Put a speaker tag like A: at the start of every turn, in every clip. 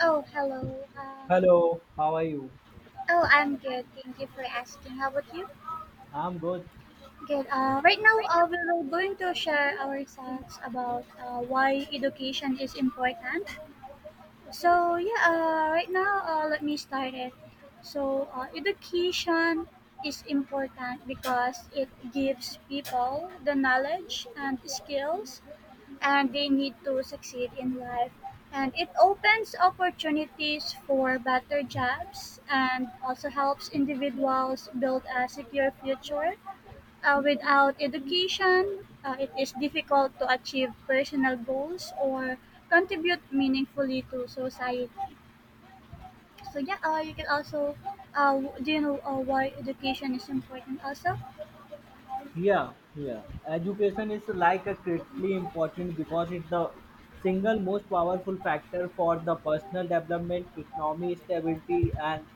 A: Oh, hello. Um,
B: Hello, how are you?
A: oh, I'm good. Thank you for asking. How about you?
B: I'm good.
A: Good. Right now, we are going to share our thoughts about why education is important. So, yeah, right now, let me start it. So, education is important because it gives people the knowledge and skills and they need to succeed in life. And it opens opportunities for better jobs and also helps individuals build a secure future. Without education, it is difficult to achieve personal goals or contribute meaningfully to society. So yeah, you can also, do you know why education is important also?
B: Yeah, yeah. Education is like a critically important because it's the single most powerful factor for the personal development, economy stability, and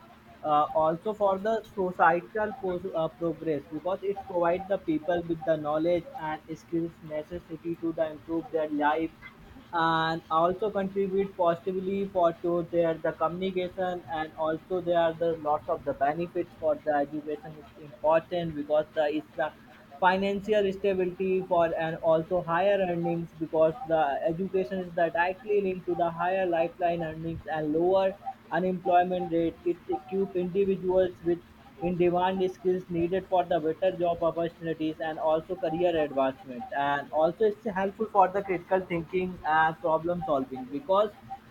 B: also for the societal progress because it provides the people with the knowledge and skills necessity to the improve their lives and also contribute positively for to their the communication, and also there are the lots of the benefits for the education is important because the it's the financial stability for and also higher earnings because the education is directly linked to the higher lifeline earnings and lower unemployment rate. It equips individuals with in-demand skills needed for the better job opportunities and also career advancement. And also it's helpful for the critical thinking and problem solving because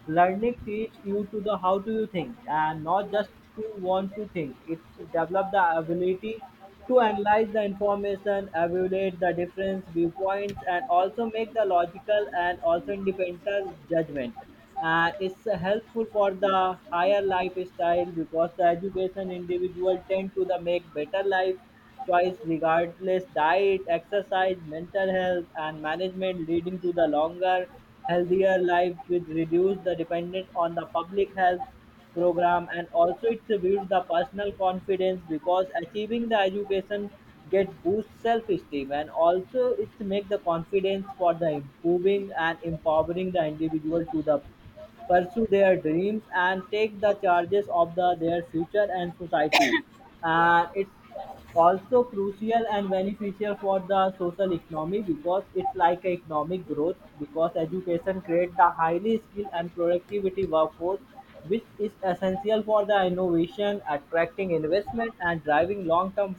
B: learning teach you to the how do you think and not just to want to think. It develop the ability to analyze the information, evaluate the different viewpoints, and also make the logical and also independent judgment. And it's helpful for the higher lifestyle because the education individual tend to the make better life choice regardless diet, exercise, mental health, and management, leading to the longer, healthier life with reduce the dependence on the public health program. And also it builds the personal confidence because achieving the education get boost self-esteem, and also it make the confidence for the improving and empowering the individual to the pursue their dreams and take the charges of the, their future and society. And it's also crucial and beneficial for the social economy because it's like a economic growth because education creates the highly skilled and productivity workforce which is essential for the innovation attracting investment and driving long-term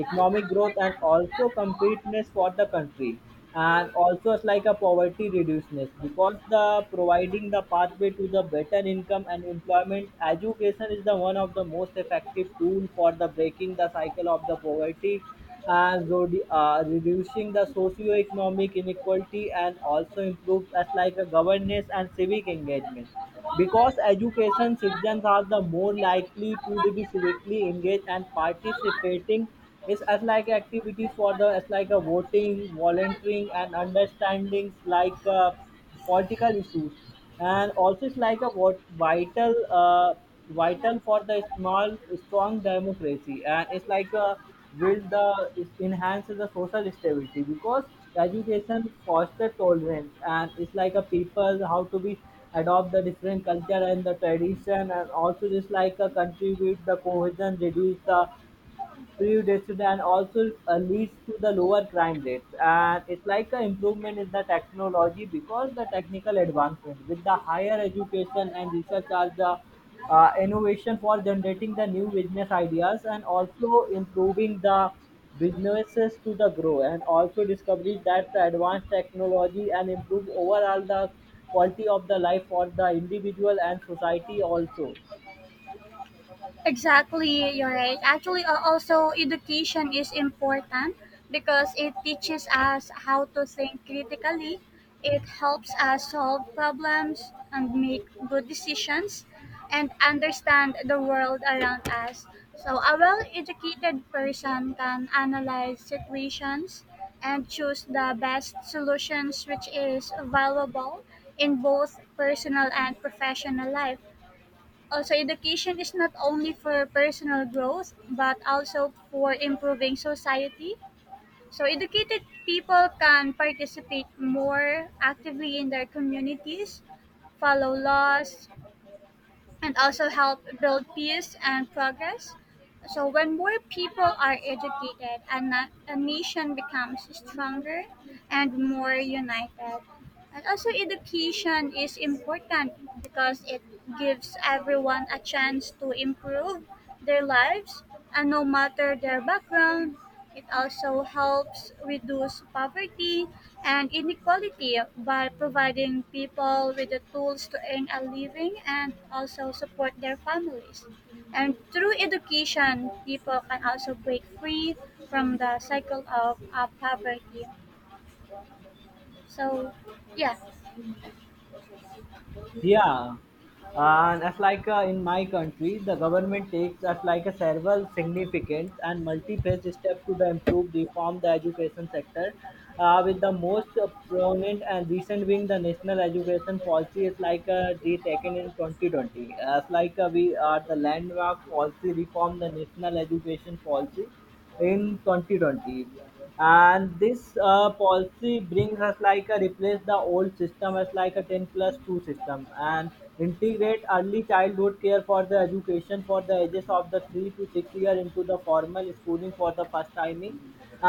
B: economic growth and also competitiveness for the country. And also it's like a poverty reduceness because the providing the pathway to the better income and employment, education is the one of the most effective tool for the breaking the cycle of the poverty and reducing the socio-economic inequality, and also improves as like a governance and civic engagement because education citizens are the more likely to be civically engaged and participating is as like activities for the as like a voting, volunteering and understandings like political issues. And also it's like a what vital for the small strong democracy, and it's build the it enhances the social stability because education foster tolerance, and it's like a people how to be adopt the different culture and the tradition, and also just like a contribute the cohesion reduce the Predicted, and also leads to the lower crime rates. And it's like an improvement in the technology because the technical advancement with the higher education and research are the innovation for generating the new business ideas and also improving the businesses to the grow, and also discoveries that the advanced technology and improve overall the quality of the life for the individual and society also.
A: Exactly, you're right. Actually, also education is important because it teaches us how to think critically. It helps us solve problems and make good decisions and understand the world around us. So, a well educated person can analyze situations and choose the best solutions, which is valuable in both personal and professional life. Oh, so education is not only for personal growth, but also for improving society. So educated people can participate more actively in their communities, follow laws, and also help build peace and progress. So when more people are educated, a nation becomes stronger and more united. And also, education is important because it gives everyone a chance to improve their lives, and no matter their background, it also helps reduce poverty and inequality by providing people with the tools to earn a living and also support their families. And through education, people can also break free from the cycle of poverty. So, yeah.
B: Yeah, and as like in my country, the government takes as like a several significant and multi-phase step to the improve reform the education sector. With the most prominent and recent being the national education policy is taken in 2020. As like we are the landmark policy reform the national education policy in 2020, and this policy brings us like a replace the old system as like a 10 plus 2 system and integrate early childhood care for the education for the ages of the 3 to 6 year into the formal schooling for the first timing,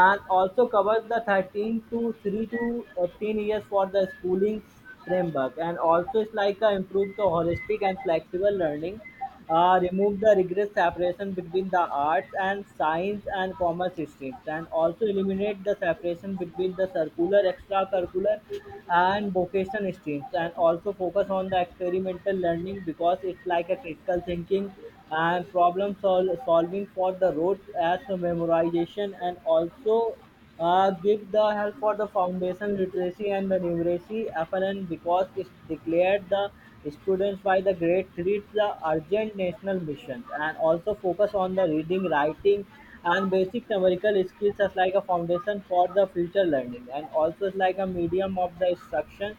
B: and also covers the 13 to 3 to 18 years for the schooling framework. And also it's like a improve the holistic and flexible learning, remove the rigorous separation between the arts and science and commerce streams, and also eliminate the separation between the circular, extracurricular, and vocation streams, and also focus on the experimental learning because it's like a critical thinking and problem solving for the road as a memorization, and also give the help for the foundation literacy and the numeracy FNN because it's declared the students by the grade 3 to the urgent national missions, and also focus on the reading, writing and basic numerical skills as like a foundation for the future learning, and also as like a medium of the instructions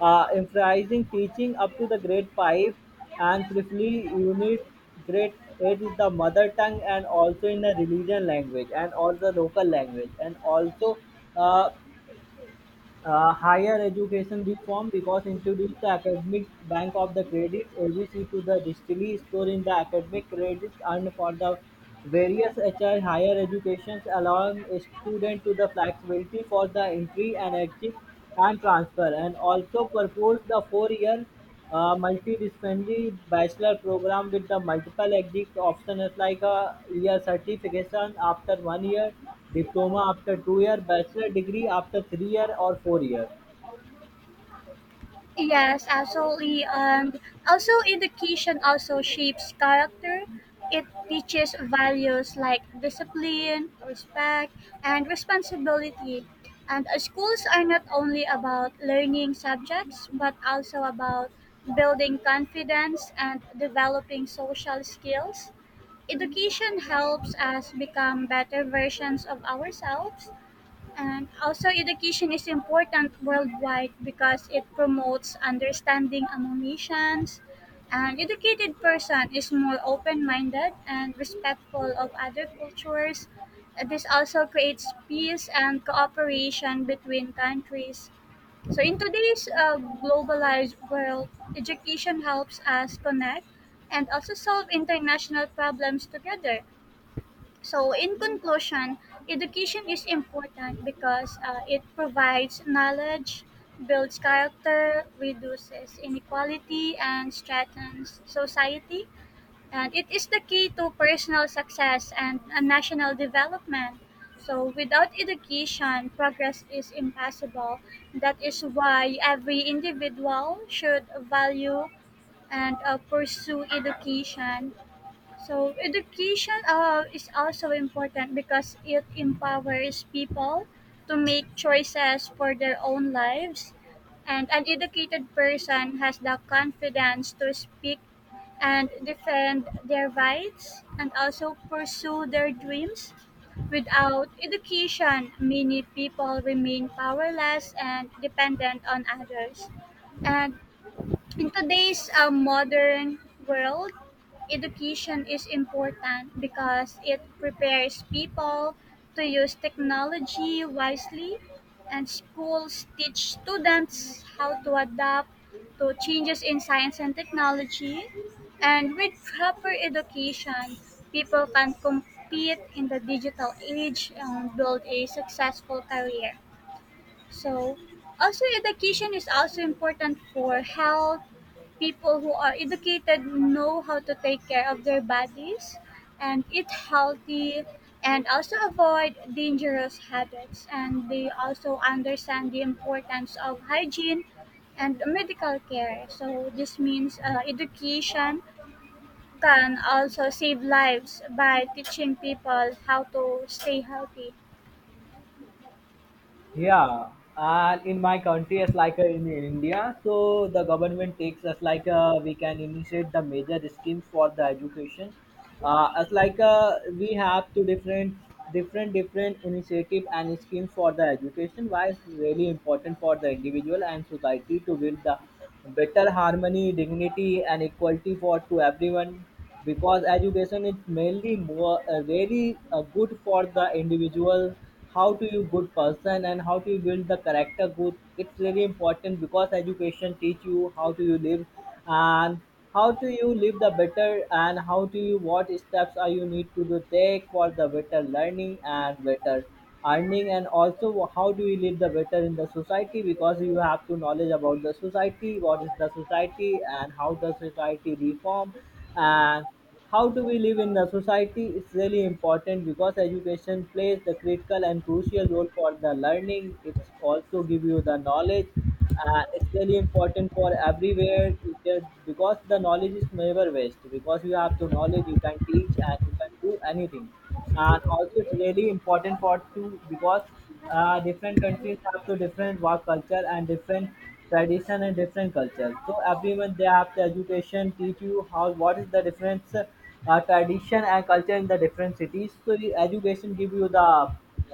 B: emphasizing teaching up to the grade 5 and preferably unit grade 8 is the mother tongue, and also in the religion language and all the local language, and also uh, higher education reform because introduce the academic bank of the credit abc to the distillery store in the academic credits, and for the various HR higher educations allowing a student to the flexibility for the entry and exit and transfer, and also proposed the four-year multidisciplinary bachelor program with the multiple exit options like a year certification after 1 year, diploma after 2 year, bachelor degree after 3 year or 4 year.
A: Yes, absolutely. And also, education also shapes character. It teaches values like discipline, respect, and responsibility. And schools are not only about learning subjects, but also about building confidence and developing social skills. Education helps us become better versions of ourselves and also, education is important worldwide because it promotes understanding among nations. An educated person is more open minded and respectful of other cultures. This also creates peace and cooperation between countries. So, in today's globalized world, education helps us connect and also solve international problems together. So, in conclusion, education is important because it provides knowledge, builds character, reduces inequality, and strengthens society. And it is the key to personal success and national development. So, without education, progress is impossible. That is why every individual should value and pursue education. So education is also important because it empowers people to make choices for their own lives and an educated person has the confidence to speak and defend their rights and also pursue their dreams. Without education, many people remain powerless and dependent on others. And in today's modern world, education is important because it prepares people to use technology wisely, and schools teach students how to adapt to changes in science and technology. And with proper education, people can compete in the digital age and build a successful career. So, also education is also important for health. People who are educated know how to take care of their bodies and eat healthy and also avoid dangerous habits and they also understand the importance of hygiene and medical care. So this means education can also save lives by teaching people how to stay healthy.
B: Yeah, and in my country, as like in India, so the government takes us like we can initiate the major schemes for the education. As like we have two different, different initiative and schemes for the education. Why it's really important for the individual and society to build the better harmony, dignity, and equality for to everyone because education is mainly more really good for the individual how to you good person and how to you build the character good. It's really important because education teach you how to you live, and how to you live the better, and how to you what steps are you need to do take for the better learning and better earning, and also how do you live the better in the society because you have to knowledge about the society what is the society and how the society reform, and how do we live in the society is really important because education plays the critical and crucial role for the learning. It's also give you the knowledge. Uh, it's really important for everywhere because the knowledge is never waste because you have to knowledge you can teach and you can do anything. And also it's really important for two because different countries have so different work culture and different tradition and different culture, so everyone they have the education teach you how what is the difference tradition and culture in the different cities, so the education give you the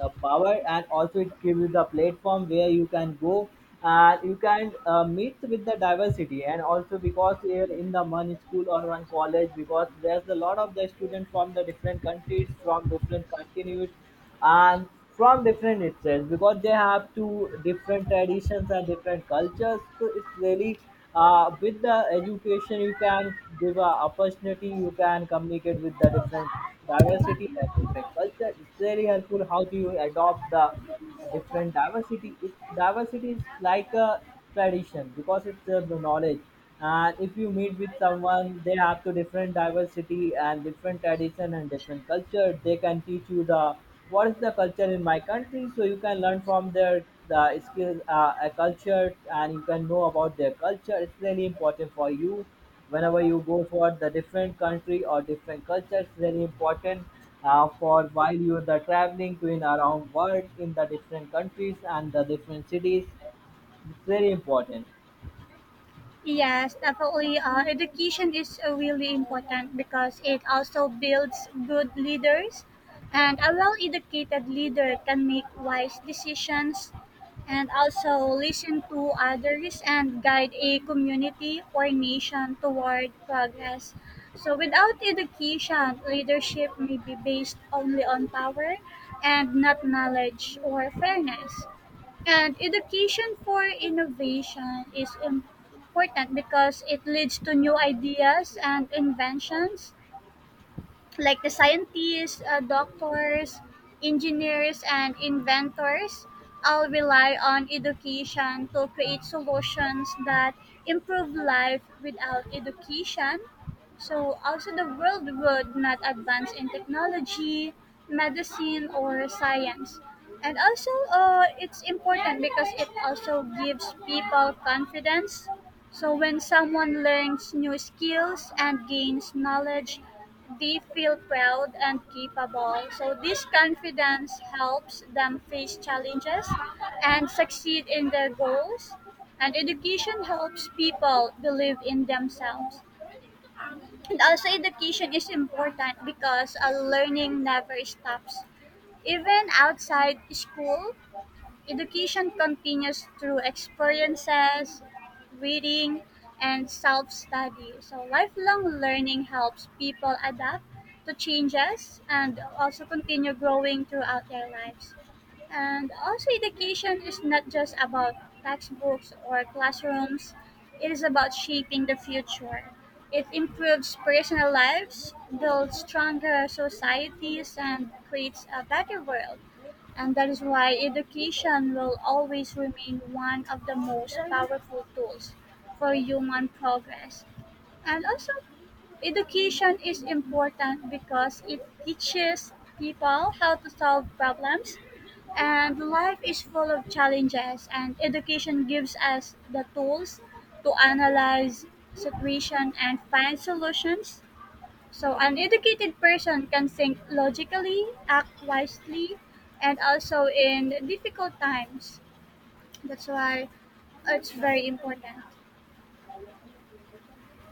B: power, and also it gives you the platform where you can go and you can meet with the diversity. And also because here in the one school or one college because there's a lot of the students from the different countries from different continents and from different itself because they have two different traditions and different cultures, so it's really with the education you can give a opportunity you can communicate with the different diversity and different culture. It's very helpful how do you adopt the different diversity is like a tradition because it's the knowledge. And if you meet with someone they have to different diversity and different tradition and different culture, they can teach you the what is the culture in my country, so you can learn from their the skills a culture, and you can know about their culture. It's really important for you whenever you go for the different country or different culture. It's very important for while you are the traveling to in around world in the different countries and the different cities. It's very important.
A: Yes, definitely. Education is really important because it also builds good leaders, and a well-educated leader can make wise decisions, and also listen to others and guide a community or nation toward progress. So, without education, leadership may be based only on power and not knowledge or fairness. And education for innovation is important because it leads to new ideas and inventions like the scientists, doctors, engineers, and inventors all rely on education to create solutions that improve life without education. So, also, the world would not advance in technology, medicine, or science. And also, it's important because it also gives people confidence. So, when someone learns new skills and gains knowledge they feel proud and capable, so this confidence helps them face challenges and succeed in their goals. And education helps people believe in themselves. And also, education is important because learning never stops. Even outside school, education continues through experiences, reading, and self study. So, lifelong learning helps people adapt to changes and also continue growing throughout their lives. And also, education is not just about textbooks or classrooms, it is about shaping the future. It improves personal lives, builds stronger societies, and creates a better world. And that is why education will always remain one of the most powerful tools for human progress. And also, education is important because it teaches people how to solve problems and life is full of challenges, and education gives us the tools to analyze situation and find solutions. So an educated person can think logically, act wisely, and also in difficult times. That's why it's very important.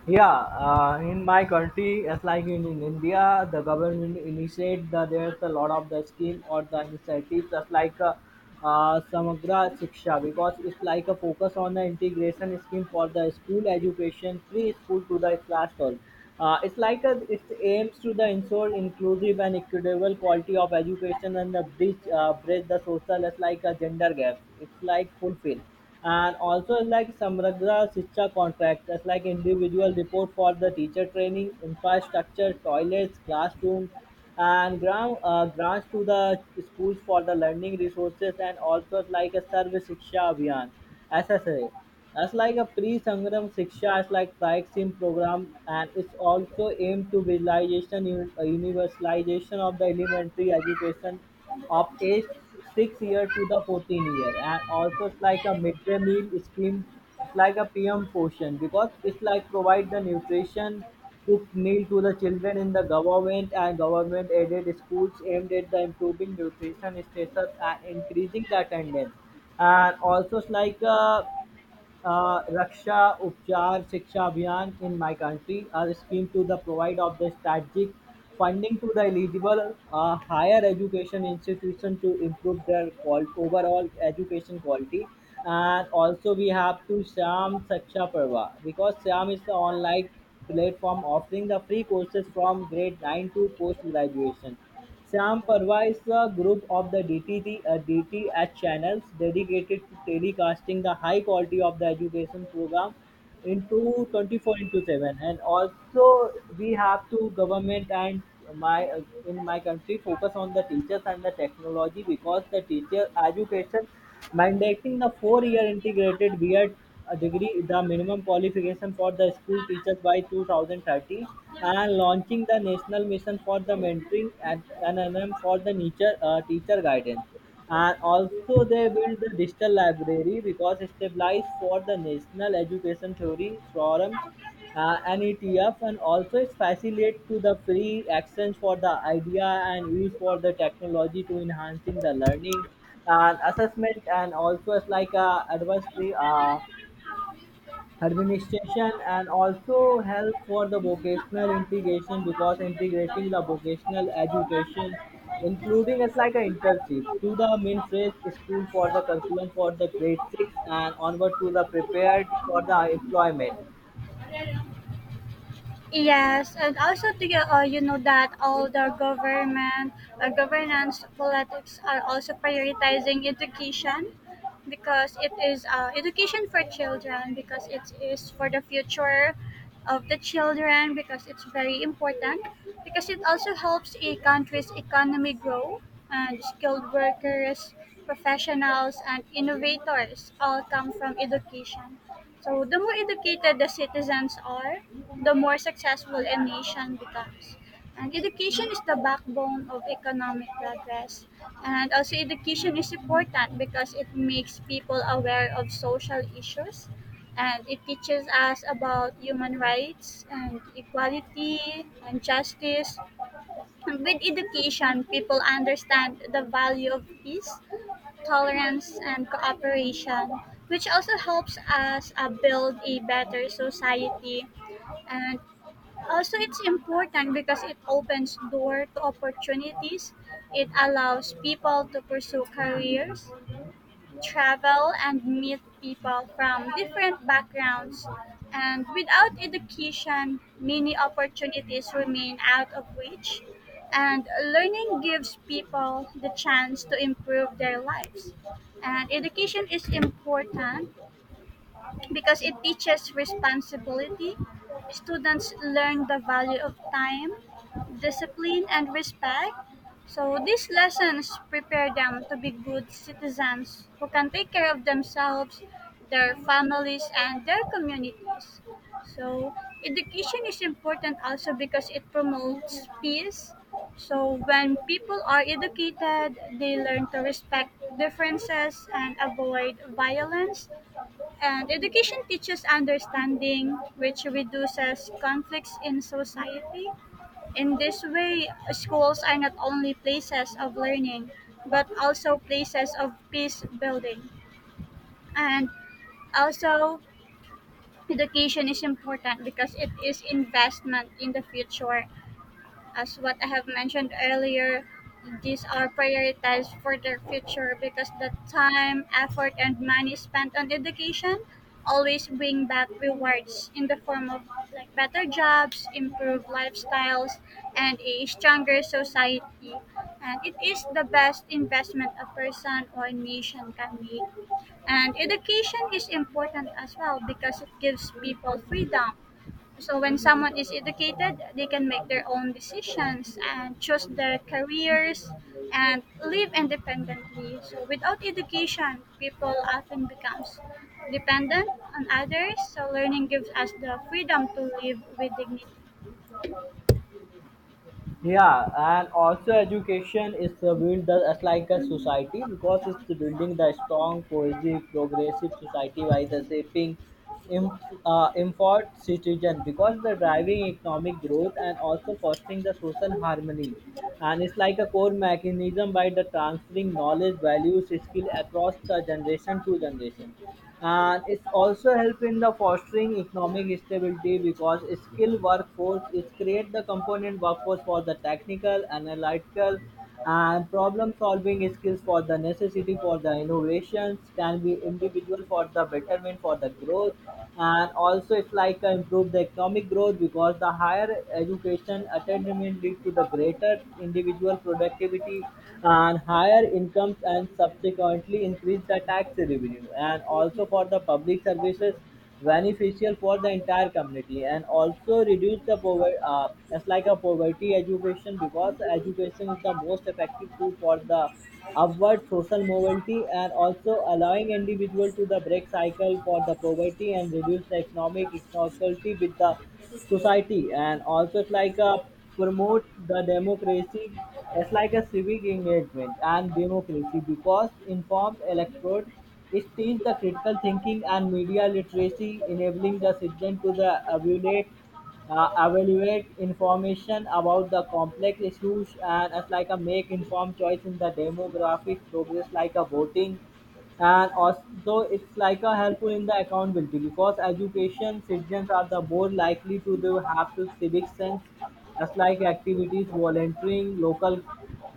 B: Yeah, in my country, as like in, India, the government initiate the there's a lot of the scheme or the initiatives just like Samagra Shiksha because it's like a focus on the integration scheme for the school education, preschool to the class 12. It's it aims to the ensure inclusive and equitable quality of education, and the bridge the social as like a gender gaps. It's like fulfill, and also like Samragra Shiksha contracts, that's like individual report for the teacher training, infrastructure, toilets, classrooms, and grants to the schools for the learning resources, and also like a service Shiksha Abhiyan, SSA. That's like a pre-Sangram Shiksha, it's like Praksim program, and it's also aimed to visualization, universalization of the elementary education of age 6 year to the 14 year. And also it's like a midday meal scheme, it's like a pm portion because it's like provide the nutrition cooked meal to the children in the government and government aided schools aimed at the improving nutrition status and increasing the attendance. And also it's like a Raksha Upchar Shiksha Abhiyan in my country, are a scheme to the provide of the strategic funding to the eligible higher education institution to improve their overall education quality. And also we have to Sham Saksha Parva because Sham is the online platform offering the free courses from grade 9 to post graduation. Sam provides a group of the DTT a DTH channels dedicated to telecasting the high quality of the education program into 24 into 7. And also we have to government and my in my country focus on the teachers and the technology because the teacher education mandating the 4 year integrated BEd degree, the minimum qualification for the school teachers by 2030, and launching the national mission for the mentoring and NNM for the nature, teacher guidance. And also they build the digital library because established for the National Education Theory Forum, NETF, and also it facilitates to the free access for the idea and use for the technology to enhancing the learning and assessment. And also it's like a advisory, administration, and also help for the vocational integration because integrating the vocational education including it's like an internship to the main phrase school for the curriculum for the grade 6 and onward to the prepared for the employment.
A: Yes, and also to get, you know that all the government, governance politics are also prioritizing education because it is education for children because it is for the future of the children because it's very important because it also helps a country's economy grow and skilled workers, professionals, and innovators all come from education. So the more educated the citizens are, the more successful a nation becomes. And education is the backbone of economic progress. And also education is important because it makes people aware of social issues and it teaches us about human rights and equality and justice. And with education, people understand the value of peace, tolerance, and cooperation, which also helps us build a better society. And also, it's important because it opens door to opportunities. It allows people to pursue careers, travel and meet people from different backgrounds. And without education, many opportunities remain out of reach. And learning gives people the chance to improve their lives. And education is important because it teaches responsibility. Students learn the value of time, discipline, and respect. So these lessons prepare them to be good citizens who can take care of themselves, their families, and their communities. So education is important also because it promotes peace. So when people are educated, they learn to respect differences and avoid violence and education teaches understanding, which reduces conflicts in society. In this way, schools are not only places of learning, but also places of peace building. And also, education is important because it is investment in the future as what I have mentioned earlier, these are prioritized for their future because the time, effort, and money spent on education always bring back rewards in the form of like better jobs, improved lifestyles, and a stronger society. And it is the best investment a person or nation can make. And education is important as well because it gives people freedom so when someone is educated, they can make their own decisions and choose their careers and live independently. So without education, people often becomes dependent on others. So learning gives us the freedom to live with dignity.
B: Yeah, and also education is to build the as like a society because it's building the strong, cohesive, progressive society by the shaping im- informed citizen because the driving economic growth and also fostering the social harmony. And it's like a core mechanism by the transferring knowledge, values, skill across the generation to generation, and it's also help in the fostering economic stability because skilled workforce is create the component workforce for the technical analytical and problem solving skills for the necessity for the innovations can be individual for the betterment for the growth. And also it's like improve the economic growth because the higher education attainment lead to the greater individual productivity and higher incomes and subsequently increase the tax revenue and also for the public services beneficial for the entire community, and also reduce the poverty, it's like a poverty education because education is the most effective tool for the upward social mobility and also allowing individual to the break cycle for the poverty and reduce the economic inequality with the society. And also it's like a promote the democracy, it's like a civic engagement and democracy because informed electorate it teach the critical thinking and media literacy enabling the citizen to the evaluate information about the complex issues and as like a make informed choice in the demographic progress like a voting. And also it's like a helpful in the accountability because education citizens are the more likely to do have to civic sense as like activities volunteering local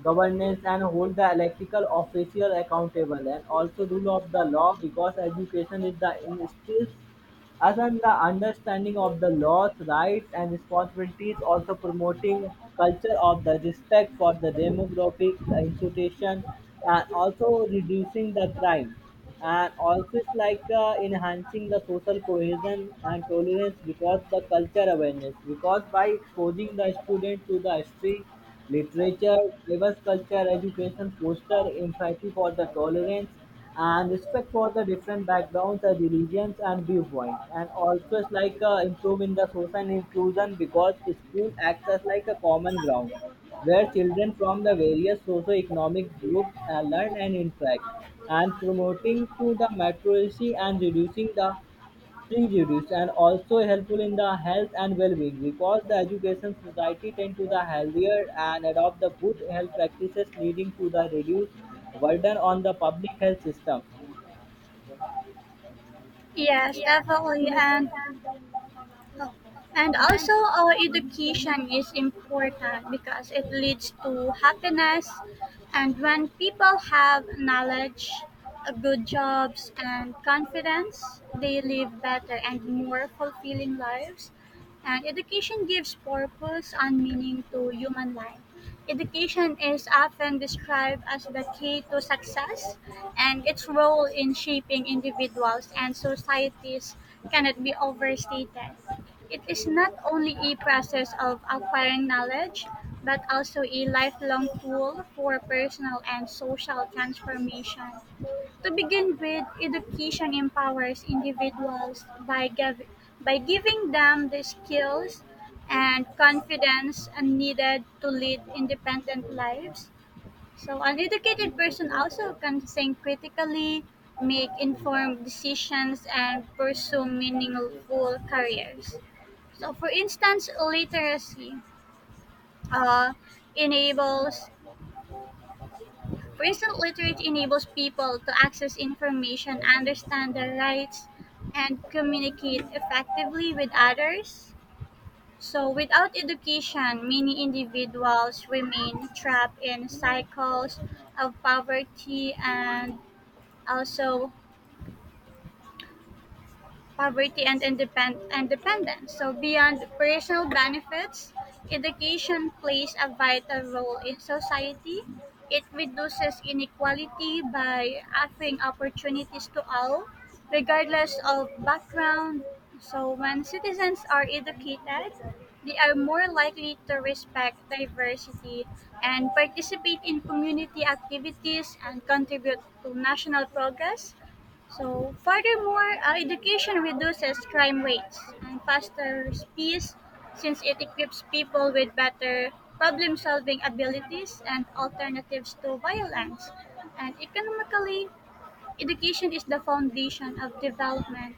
B: governance and hold the electrical official accountable, and also rule of the law because education is the instills Aside the understanding of the laws, rights and responsibilities, also promoting culture of the respect for the demographic institution and also reducing the crime. And also it's like enhancing the social cohesion and tolerance because the culture awareness because by exposing the student to the history, Literature, diverse culture, education foster empathy for the tolerance and respect for the different backgrounds, religions and viewpoints. And also it's like improving the social inclusion because school acts as like a common ground where children from the various socio-economic groups learn and interact and promoting to the maturity and reducing the prejudice, and also helpful in the health and well-being because the education society tend to the healthier and adopt the good health practices leading to the reduced burden on the public health system.
A: Yes, definitely. And also, our education is important because it leads to happiness. And when people have knowledge, good jobs, and confidence, they live better and more fulfilling lives. And education gives purpose and meaning to human life. Education is often described as the key to success, and its role in shaping individuals and societies cannot be overstated. It is not only a process of acquiring knowledge, but also a lifelong tool for personal and social transformation. To begin with, education empowers individuals by giving them the skills and confidence needed to lead independent lives. So, an educated person also can think critically, make informed decisions, and pursue meaningful careers. So, for instance, literacy uh, enables, for instance, literacy enables people to access information, understand their rights, and communicate effectively with others. So, without education, many individuals remain trapped in cycles of also poverty and dependence. So beyond personal benefits, education plays a vital role in society. It reduces inequality by offering opportunities to all, regardless of background. So when citizens are educated, they are more likely to respect diversity and participate in community activities and contribute to national progress. So, furthermore, education reduces crime rates and fosters peace since it equips people with better problem solving abilities and alternatives to violence. And economically, education is the foundation of development.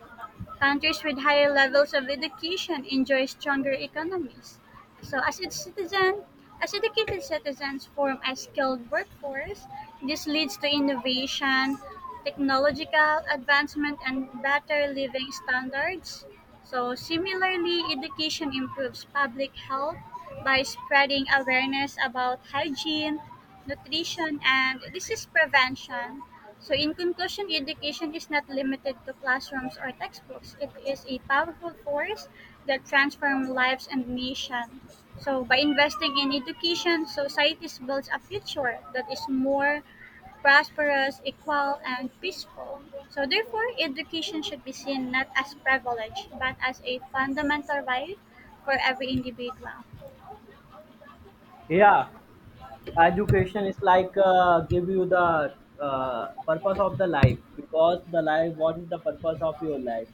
A: Countries with higher levels of education enjoy stronger economies. So, as educated citizens form a skilled workforce, this leads to innovation, technological advancement, and better living standards. So, similarly, education improves public health by spreading awareness about hygiene, nutrition, and disease prevention. So, in conclusion, education is not limited to classrooms or textbooks. It is a powerful force that transforms lives and nation. So, by investing in education, societies builds a future that is more prosperous, equal, and peaceful. So, therefore, education should be seen not as privilege, but as a fundamental right for every individual.
B: Yeah, education is like give you the purpose of the life because the life, what is the purpose of your life?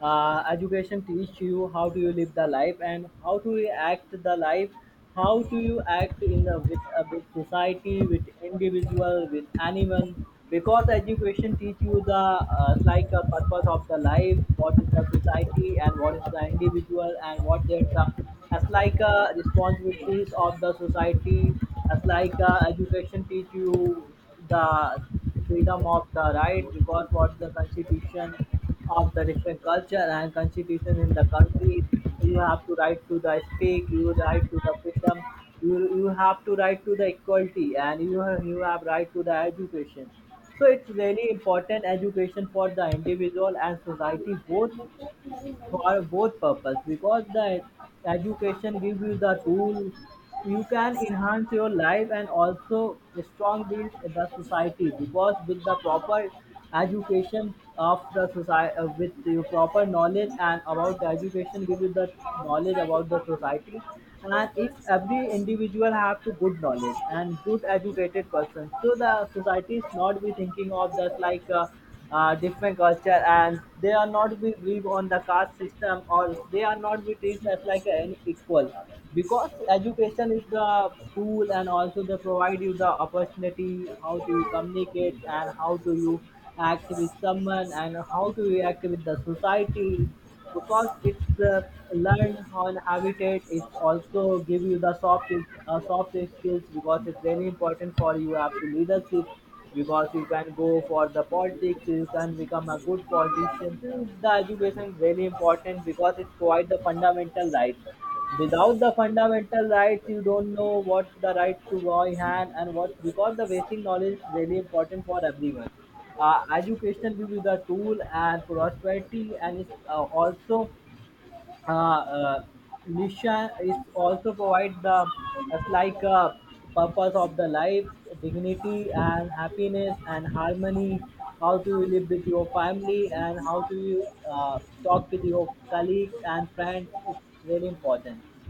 B: Uh, education teach you how do you live the life and how to you act the life, how do you act in the with society, with individual, with anyone, because education teach you the like a purpose of the life, what is the society and what is the individual and what is the as like responsibilities of the society. As like education teach you the freedom of the right because what the constitution of the different culture and constitution in the country, you have to right to the speak, you right to the freedom, you have to right to the equality and you have right to the education. So it's really important education for the individual and society both, for both purpose, because the education gives you the tool, you can enhance your life and also strong build the society because with the proper education of the society with your proper knowledge and about the education give you the knowledge about the society. And if every individual have to good knowledge and good educated person so the society is not be thinking of that like different culture and they are not be believe on the caste system or they are not be treated as like an equal, because education is the tool and also they provide you the opportunity how to you communicate and how to you act with someone and how to you act with the society. Because it's learn how an habitat, it's also give you the soft soft skills because it's very important for you have to leadership, because you can go for the politics, you can become a good politician. So the education is very important because it's quite the fundamental rights. Without the fundamental rights you don't know what the right to go in hand and what, because the basic knowledge is really important for everyone. Uh, education give you the tool and prosperity, and it's also uh, uh, Nisha is also provide the as like purpose of the life, dignity and happiness and harmony, how to you live with your family and how to you talk with your colleagues and friends, it's very important.